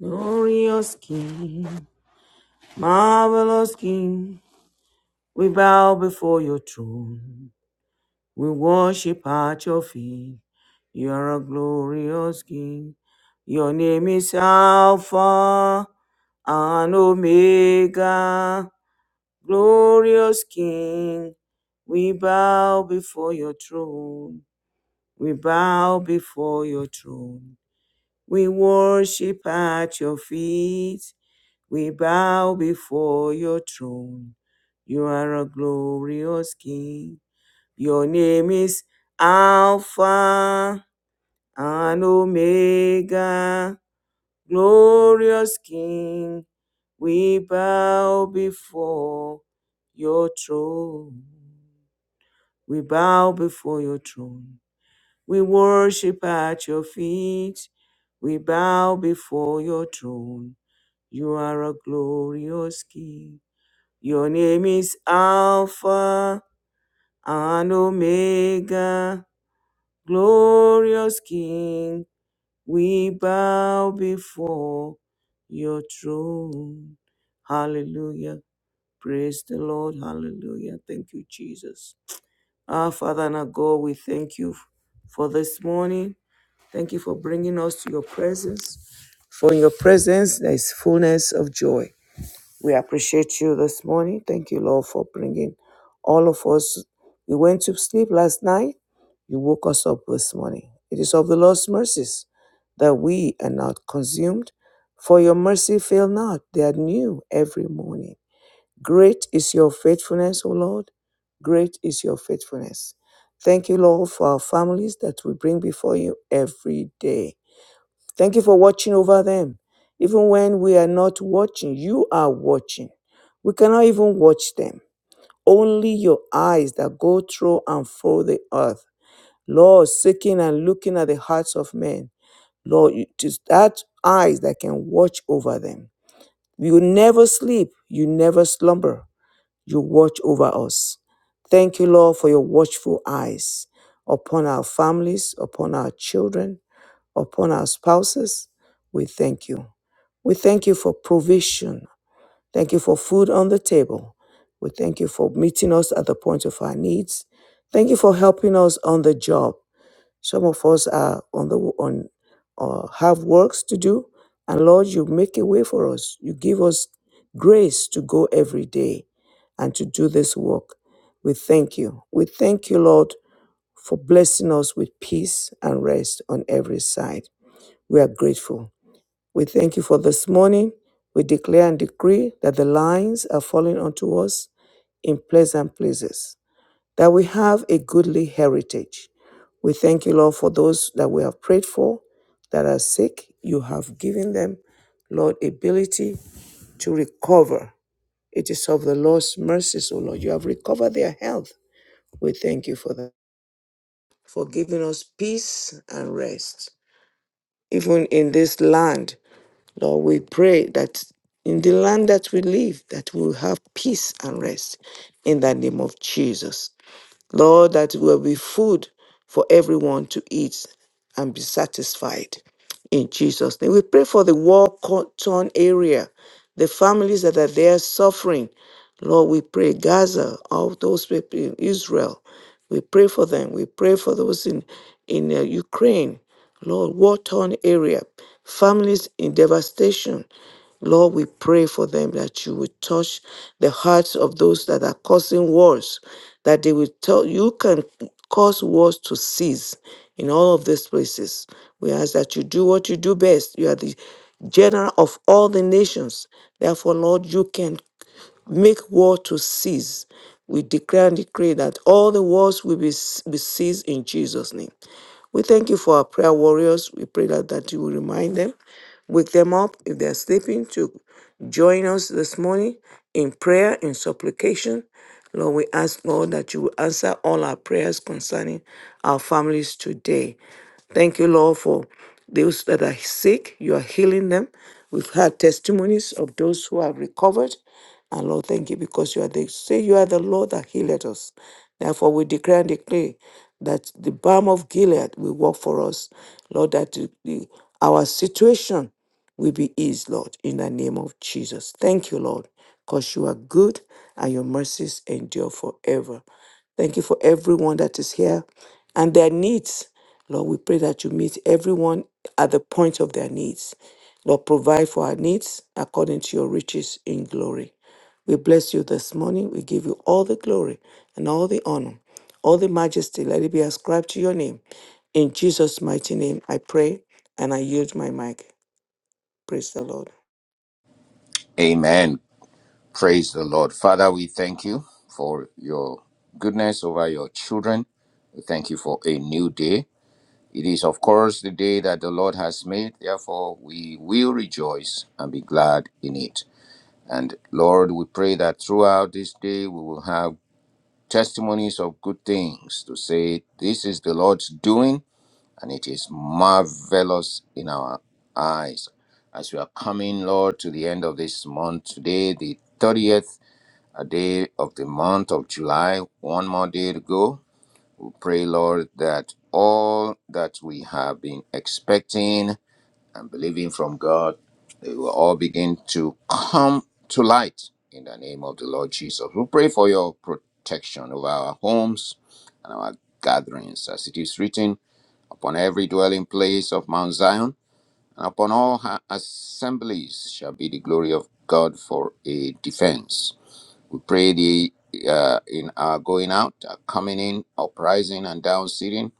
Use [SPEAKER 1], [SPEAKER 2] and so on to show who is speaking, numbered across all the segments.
[SPEAKER 1] Glorious King, marvelous King, we bow before your throne. We worship at your feet. You are a glorious King. Your name is Alpha and Omega. Glorious King, we bow before your throne. We bow before your throne. We worship at your feet. We bow before your throne. You are a glorious King. Your name is Alpha and Omega. Glorious King, we bow before your throne. We bow before your throne. We worship at your feet. We bow before your throne. You are a glorious King. Your name is Alpha and Omega. Glorious King, we bow before your throne. Hallelujah. Praise the Lord. Hallelujah. Thank you, Jesus. Our Father and our God, we thank you for this morning. Thank you for bringing us to your presence. For in your presence, there is fullness of joy We appreciate you this morning. Thank you, Lord, for bringing all of us. We went to sleep last night. You woke us up this morning. It is of the Lord's mercies that we are not consumed, for your mercy fail not. They are new every morning. Great is your faithfulness, O Lord. Great is your faithfulness. Thank you, Lord, for our families that we bring before you every day. Thank you for watching over them. Even when we are not watching, you are watching. We cannot even watch them. Only your eyes that go through and through the earth. Lord, seeking and looking at the hearts of men. Lord, you- it is that eyes that can watch over them. You never sleep. You never slumber. You watch over us. Thank you, Lord, for your watchful eyes upon our families, upon our children, upon our spouses. We thank you. We thank you for provision. Thank you for food on the table. We thank you for meeting us at the point of our needs. Thank you for helping us on the job. Some of us are on the on or have works to do, and Lord, you make a way for us. You give us grace to go every day and to do this work. We thank you. We thank you, Lord, for blessing us with peace and rest on every side. We are grateful. We thank you for this morning. We declare and decree that the lines are falling onto us in pleasant places, that we have a goodly heritage. We thank you, Lord, for those that we have prayed for that are sick. You have given them, Lord, ability to recover. It is of the Lord's mercies, O Lord. You have recovered their health. We thank you for that, for giving us peace and rest, even in this land Lord, we pray that in the land that we live, that we will have peace and rest in the name of Jesus. Lord, that will be food for everyone to eat and be satisfied in Jesus' name. We pray for the war torn area, the families that are there suffering. Lord, we pray Gaza, all those people, in Israel. We pray for them. We pray for those in in uh, Ukraine. Lord, war torn area, families in devastation. Lord, we pray for them that you would touch the hearts of those that are causing wars, that they will tell you can cause wars to cease in all of these places. We ask that you do what you do best. You are the general of all the nations. Therefore, Lord, you can make war to cease. We declare and decree that all the wars will be, be ceased in Jesus' name. We thank you for our prayer warriors. We pray that, that you will remind them Wake them up if they're sleeping to join us this morning in prayer, in supplication. Lord, we ask, Lord, that you will answer all our prayers concerning our families today. Thank you, Lord, for those that are sick. You are healing them. We've had testimonies of those who have recovered. And Lord, thank you because you are the say you are the Lord that healed us. Therefore, we declare and declare that the balm of Gilead will work for us. Lord, that the- the- our situation will be his, Lord, in the name of Jesus. Thank you, Lord, because you are good and your mercies endure forever. Thank you for everyone that is here and their needs. Lord, we pray that you meet everyone at the point of their needs. Lord, provide for our needs according to your riches in glory. We bless you this morning. We give you all the glory and all the honor, all the majesty. Let it be ascribed to your name. In Jesus' mighty name, I pray and I yield my mic. Praise the Lord.
[SPEAKER 2] Amen. Praise the Lord. Father, we thank you for your goodness over your children. We thank you for a new day. It is, of course, the day that the Lord has made. Therefore, we will rejoice and be glad in it. And Lord, we pray that throughout this day we will have testimonies of good things to say, This is the Lord's doing, and it is marvelous in our eyes as we are coming, Lord, to the end of this month today, the 30th a day of the month of July, one more day to go. We pray, Lord, that all that we have been expecting and believing from God, they will all begin to come to light in the name of the Lord Jesus. We pray for your protection over our homes and our gatherings, as it is written, upon every dwelling place of Mount Zion, and upon all her assemblies shall be the glory of God for a defense. We pray the uh, in our going out, our coming in, uprising and down sitting,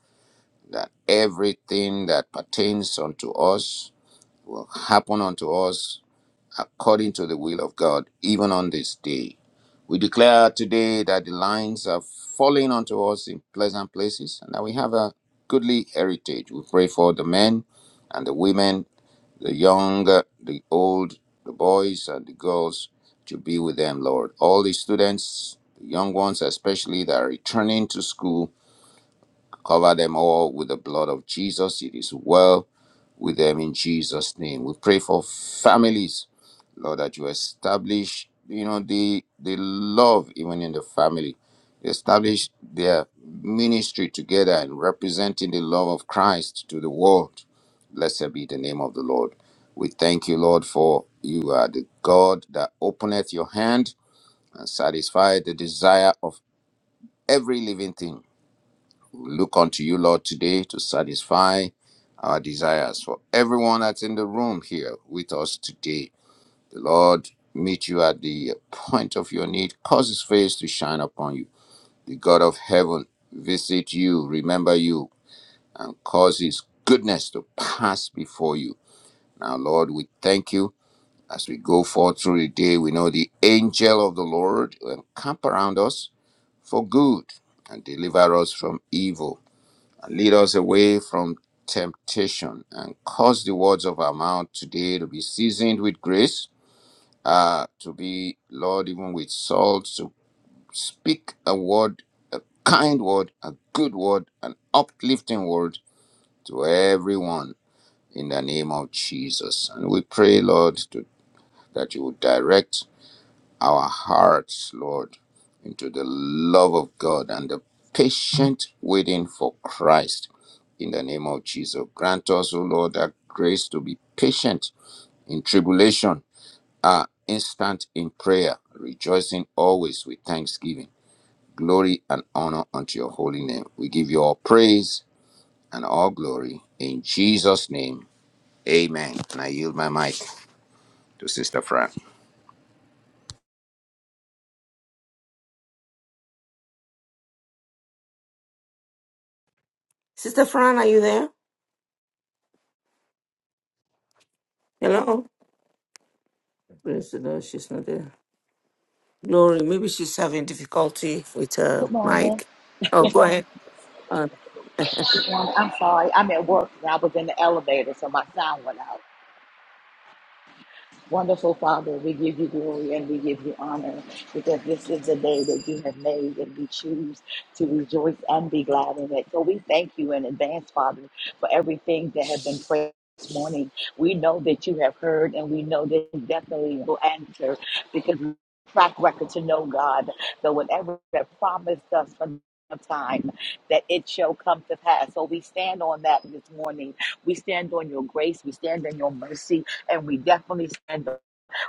[SPEAKER 2] that everything that pertains unto us will happen unto us according to the will of God, even on this day. We declare today that the lines are falling unto us in pleasant places and that we have a goodly heritage. We pray for the men and the women the young, the old, the boys and the girls to be with them, Lord. All the students, the young ones especially that are returning to school, cover them all with the blood of Jesus. It is well with them in Jesus' name. We pray for families, Lord, that you establish, you know, the the love even in the family. Establish their ministry together and representing the love of Christ to the world. Blessed be the name of the Lord. We thank you, Lord, for you are the God that openeth your hand and satisfy the desire of every living thing. We look unto you, Lord, today to satisfy our desires for everyone that's in the room here with us today. The Lord meet you at the point of your need, cause his face to shine upon you. The God of heaven visit you, remember you, and cause his goodness to pass before you. Now, Lord, we thank you. As we go forth through the day, we know the angel of the Lord will camp around us for good and deliver us from evil. Lead us away from temptation and cause the words of our mouth today to be seasoned with grace, uh, to be, Lord, even with salt, to speak a word, a kind word, a good word, an uplifting word to everyone in the name of Jesus. And we pray, Lord, to, that you would direct our hearts, Lord, into the love of God and the patient waiting for Christ. In the name of Jesus, grant us, O Lord, that grace to be patient in tribulation, are instant in prayer, rejoicing always with thanksgiving. Glory and honor unto your holy name. We give you all praise and all glory in Jesus' name. Amen. And I yield my mic to Sister Fran.
[SPEAKER 1] Sister Fran, are you there? Hello. Praise the Lord. She's not there. Glory. Maybe she's having difficulty with
[SPEAKER 3] Good
[SPEAKER 1] her
[SPEAKER 3] morning.
[SPEAKER 1] mic. Oh, go ahead. Uh,
[SPEAKER 3] Good morning. I'm sorry. I'm at work and I was in the elevator, so my sound went out. Wonderful Father, we give you glory and we give you honor because this is the day that you have made and we choose to rejoice and be glad in it. So we thank you in advance, Father, for everything that has been prayed. This morning, we know that you have heard, and we know that you definitely will answer because we have a track record to know God that whatever you have promised us from of time that it shall come to pass. So we stand on that this morning. We stand on your grace. We stand on your mercy and we definitely stand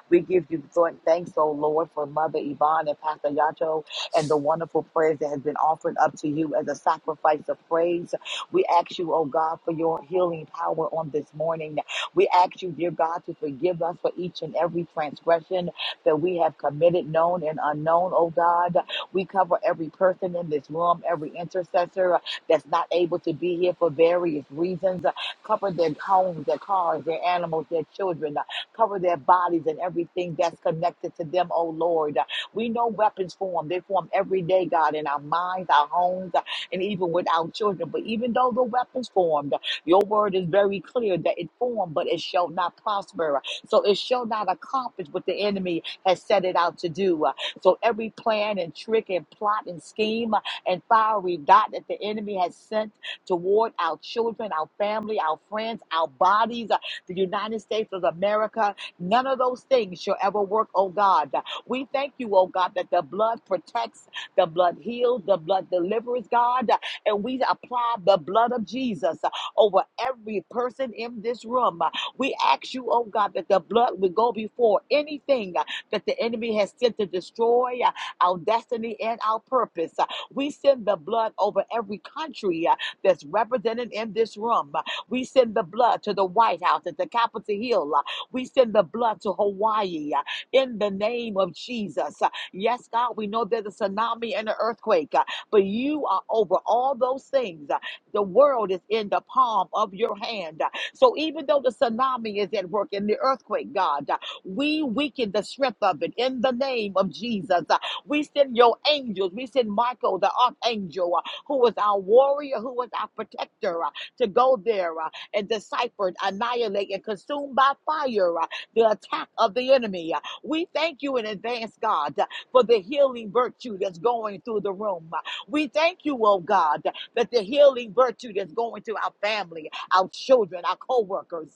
[SPEAKER 3] we give you th- thanks, O Lord, for Mother Yvonne and Pastor Yato and the wonderful prayers that has been offered up to you as a sacrifice of praise. We ask you, O God, for your healing power on this morning. We ask you, dear God, to forgive us for each and every transgression that we have committed, known and unknown, O God. We cover every person in this room, every intercessor that's not able to be here for various reasons. Cover their homes, their cars, their animals, their children, Cover their bodies and everything that's connected to them, oh Lord. We know weapons form. They form every day, God, in our minds, our homes, uh, and even with our children. But even though the weapons formed, your word is very clear that it formed, but it shall not prosper. So it shall not accomplish what the enemy has set it out to do. Uh, So every plan and trick and plot and scheme uh, and fiery dot that the enemy has sent toward our children, our family, our friends, our bodies the United States of America. None of those things shall ever work, oh God. We thank you, oh God, that the blood protects, the blood heals, the blood delivers, God. And we apply the blood of Jesus over every person in this room. We ask you, oh God, that the blood would go before anything that the enemy has sent to destroy our destiny and our purpose. We send the blood over every country uh, that's represented in this room. We send the blood to the White House, at the Capitol Hill. Uh, We send the blood to Hawaii uh, in the name of Jesus. Uh, Yes, God, we know there's a tsunami and an earthquake, uh, but you are over all those things. Uh, The world is in the palm of your hand. Uh, So even though the tsunami is at work and the earthquake, God, uh, we weaken the strength of it in the name of Jesus. Uh, We send your angels. We send Michael, the archangel, uh, who is our warrior, who is our protector. uh, to go there uh, and decipher, annihilate, and consume by fire uh, the attack of the enemy. Uh, We thank you in advance, God, uh, for the healing virtue that's going through the room. Uh, We thank you, oh God, that the healing virtue that's going to our family, our children, our co workers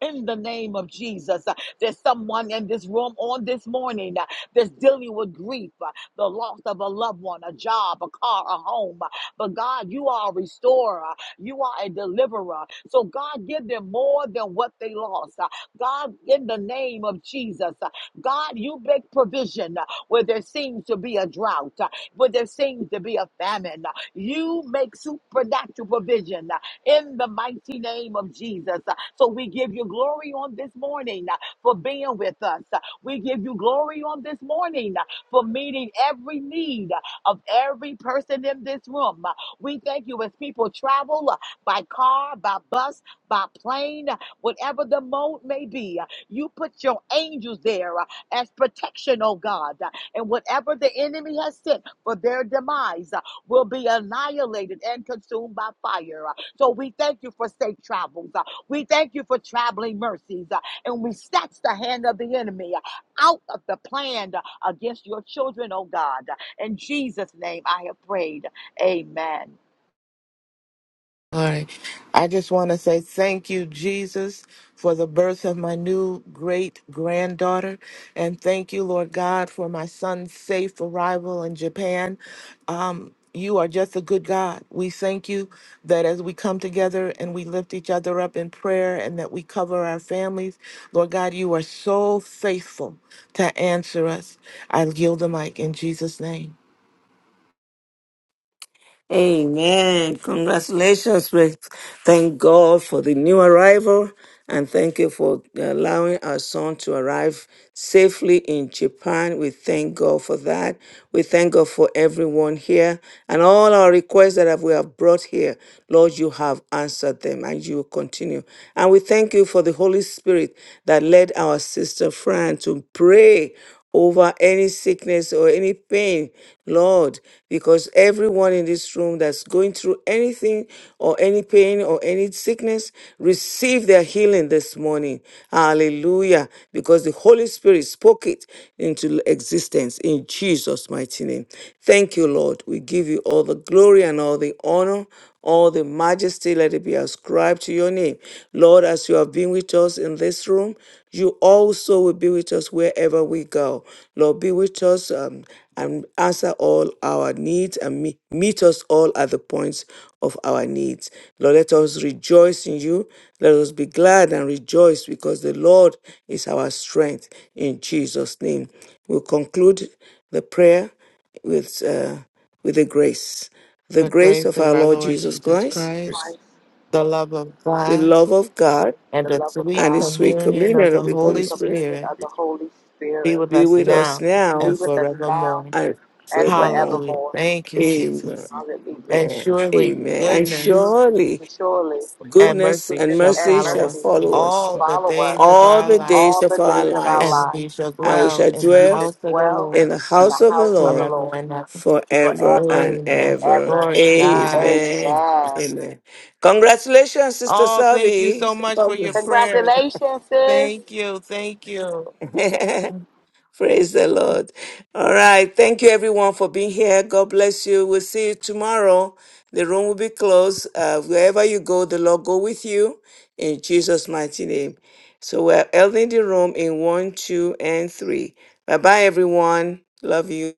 [SPEAKER 3] in the name of Jesus. Uh, There's someone in this room on this morning uh, that's dealing with grief, uh, the loss of a loved one, a job, a car, a home. Uh, But God, you are a restorer, you are a deliverer. So, God, give them more than what they lost. Uh, God, in the name of Jesus, uh, God, you make provision uh, where there seems to be a drought, uh, where there seems to be a famine. Uh, You make supernatural provision in the mighty name of Jesus. Uh, So we give you glory on this morning uh, for being with us. Uh, We give you glory on this morning uh, for meeting every need uh, of every person in this room. Uh, We thank you as people travel uh, by car, by bus, by plane, uh, whatever the mode may be. Uh, You put your angels there uh, as protection, oh God, Uh, and whatever the enemy has sent for their demise will be annihilated and consumed by fire. Uh, So we thank you for safe travels. Uh, We thank you for traveling mercies. Uh, And we snatch the hand of the enemy uh, out of the plan uh, against your children, oh God. Uh, In Jesus' name I have prayed. Amen.
[SPEAKER 4] All right. I just want to say thank you, Jesus, for the birth of my new great granddaughter. And thank you, Lord God, for my son's safe arrival in Japan. Um, you are just a good God. We thank you that as we come together and we lift each other up in prayer and that we cover our families, Lord God, you are so faithful to answer us. I yield the mic in Jesus' name.
[SPEAKER 1] Amen. Congratulations. We Thank God for the new arrival and thank you for allowing our son to arrive safely in Japan. We thank God for that. We thank God for everyone here and all our requests that have- we have brought here. Lord, you have answered them and you will continue. And we thank you for the Holy Spirit that led our sister Fran to pray over any sickness or any pain, Lord, because everyone in this room that's going through anything or any pain or any sickness, receive their healing this morning. Hallelujah. Because the Holy Spirit spoke it into existence in Jesus' mighty name. Thank you, Lord. We give you all the glory and all the honor, all the majesty. Let it be ascribed to your name. Lord, as you have been with us in this room, you also will be with us wherever we go. Lord, be with us um, and answer all our needs and me- meet us all at the points of our needs. Lord, let us rejoice in you. Let us be glad and rejoice because the Lord is our strength in Jesus' name. We'll conclude the prayer with, uh, with the grace. The
[SPEAKER 4] The
[SPEAKER 1] grace
[SPEAKER 4] grace
[SPEAKER 1] of
[SPEAKER 4] of
[SPEAKER 1] our
[SPEAKER 4] our
[SPEAKER 1] Lord
[SPEAKER 4] Lord
[SPEAKER 1] Jesus
[SPEAKER 4] Jesus
[SPEAKER 1] Christ,
[SPEAKER 2] Praise
[SPEAKER 4] Christ,
[SPEAKER 3] Christ,
[SPEAKER 4] the love of
[SPEAKER 1] the
[SPEAKER 4] God
[SPEAKER 1] love of God
[SPEAKER 4] and
[SPEAKER 3] the
[SPEAKER 4] the
[SPEAKER 3] love of
[SPEAKER 4] sweet
[SPEAKER 1] and the
[SPEAKER 3] God,
[SPEAKER 1] sweet
[SPEAKER 4] communion of
[SPEAKER 1] communion
[SPEAKER 4] the
[SPEAKER 1] of the
[SPEAKER 3] sweet
[SPEAKER 1] Holy
[SPEAKER 4] Holy
[SPEAKER 1] Spirit
[SPEAKER 3] communion
[SPEAKER 4] Spirit
[SPEAKER 3] of the Holy
[SPEAKER 4] be
[SPEAKER 3] Spirit,
[SPEAKER 4] with
[SPEAKER 1] be
[SPEAKER 4] us
[SPEAKER 1] with us
[SPEAKER 4] now
[SPEAKER 3] be
[SPEAKER 1] now
[SPEAKER 4] and
[SPEAKER 3] with us now
[SPEAKER 4] forevermore.
[SPEAKER 1] and
[SPEAKER 3] and
[SPEAKER 1] forevermore.
[SPEAKER 4] Hallelujah.
[SPEAKER 3] forevermore.
[SPEAKER 4] Thank you,
[SPEAKER 1] Amen.
[SPEAKER 4] Jesus.
[SPEAKER 2] God.
[SPEAKER 3] Hallelujah.
[SPEAKER 4] And
[SPEAKER 1] Amen.
[SPEAKER 2] Sure.
[SPEAKER 4] surely
[SPEAKER 1] Amen. And
[SPEAKER 4] goodness
[SPEAKER 1] surely
[SPEAKER 3] And surely,
[SPEAKER 4] and
[SPEAKER 1] goodness
[SPEAKER 4] mercy
[SPEAKER 1] and
[SPEAKER 3] goodness
[SPEAKER 4] shall
[SPEAKER 3] and
[SPEAKER 1] mercy
[SPEAKER 4] follow
[SPEAKER 1] shall
[SPEAKER 3] mercy
[SPEAKER 4] us
[SPEAKER 1] follow us
[SPEAKER 3] to
[SPEAKER 4] all the
[SPEAKER 3] follow us
[SPEAKER 4] days of
[SPEAKER 1] all
[SPEAKER 4] our
[SPEAKER 1] the
[SPEAKER 4] life,
[SPEAKER 1] days
[SPEAKER 3] all
[SPEAKER 1] of
[SPEAKER 3] the
[SPEAKER 1] our
[SPEAKER 3] days of our
[SPEAKER 1] lives,
[SPEAKER 4] and
[SPEAKER 3] lives.
[SPEAKER 4] we shall
[SPEAKER 1] and we
[SPEAKER 4] dwell
[SPEAKER 1] shall
[SPEAKER 4] in the
[SPEAKER 3] We
[SPEAKER 1] dwell
[SPEAKER 3] should
[SPEAKER 4] house of the
[SPEAKER 3] dwell
[SPEAKER 4] Lord
[SPEAKER 1] in the
[SPEAKER 3] in the
[SPEAKER 1] house of the
[SPEAKER 3] house of the
[SPEAKER 1] Lord
[SPEAKER 4] forever
[SPEAKER 3] Lord
[SPEAKER 4] and ever.
[SPEAKER 1] forever
[SPEAKER 3] forever
[SPEAKER 1] and
[SPEAKER 3] and
[SPEAKER 4] Amen.
[SPEAKER 1] ever.
[SPEAKER 3] ever.
[SPEAKER 4] Lord God.
[SPEAKER 1] Amen.
[SPEAKER 3] Amen.
[SPEAKER 1] Amen. Congratulations, Sister
[SPEAKER 4] Oh, thank you
[SPEAKER 1] Savi.
[SPEAKER 4] so much
[SPEAKER 1] God
[SPEAKER 4] for your
[SPEAKER 1] bless.
[SPEAKER 4] prayers.
[SPEAKER 3] Congratulations, sis.
[SPEAKER 4] Thank you. Thank you.
[SPEAKER 1] Praise the Lord. All right. Thank you, everyone, for being here. God bless you. We'll see you tomorrow. The room will be closed. Uh, wherever you go, the Lord go with you in Jesus' mighty name. So we're ending the room in one, two, and three. Bye bye, everyone. Love you.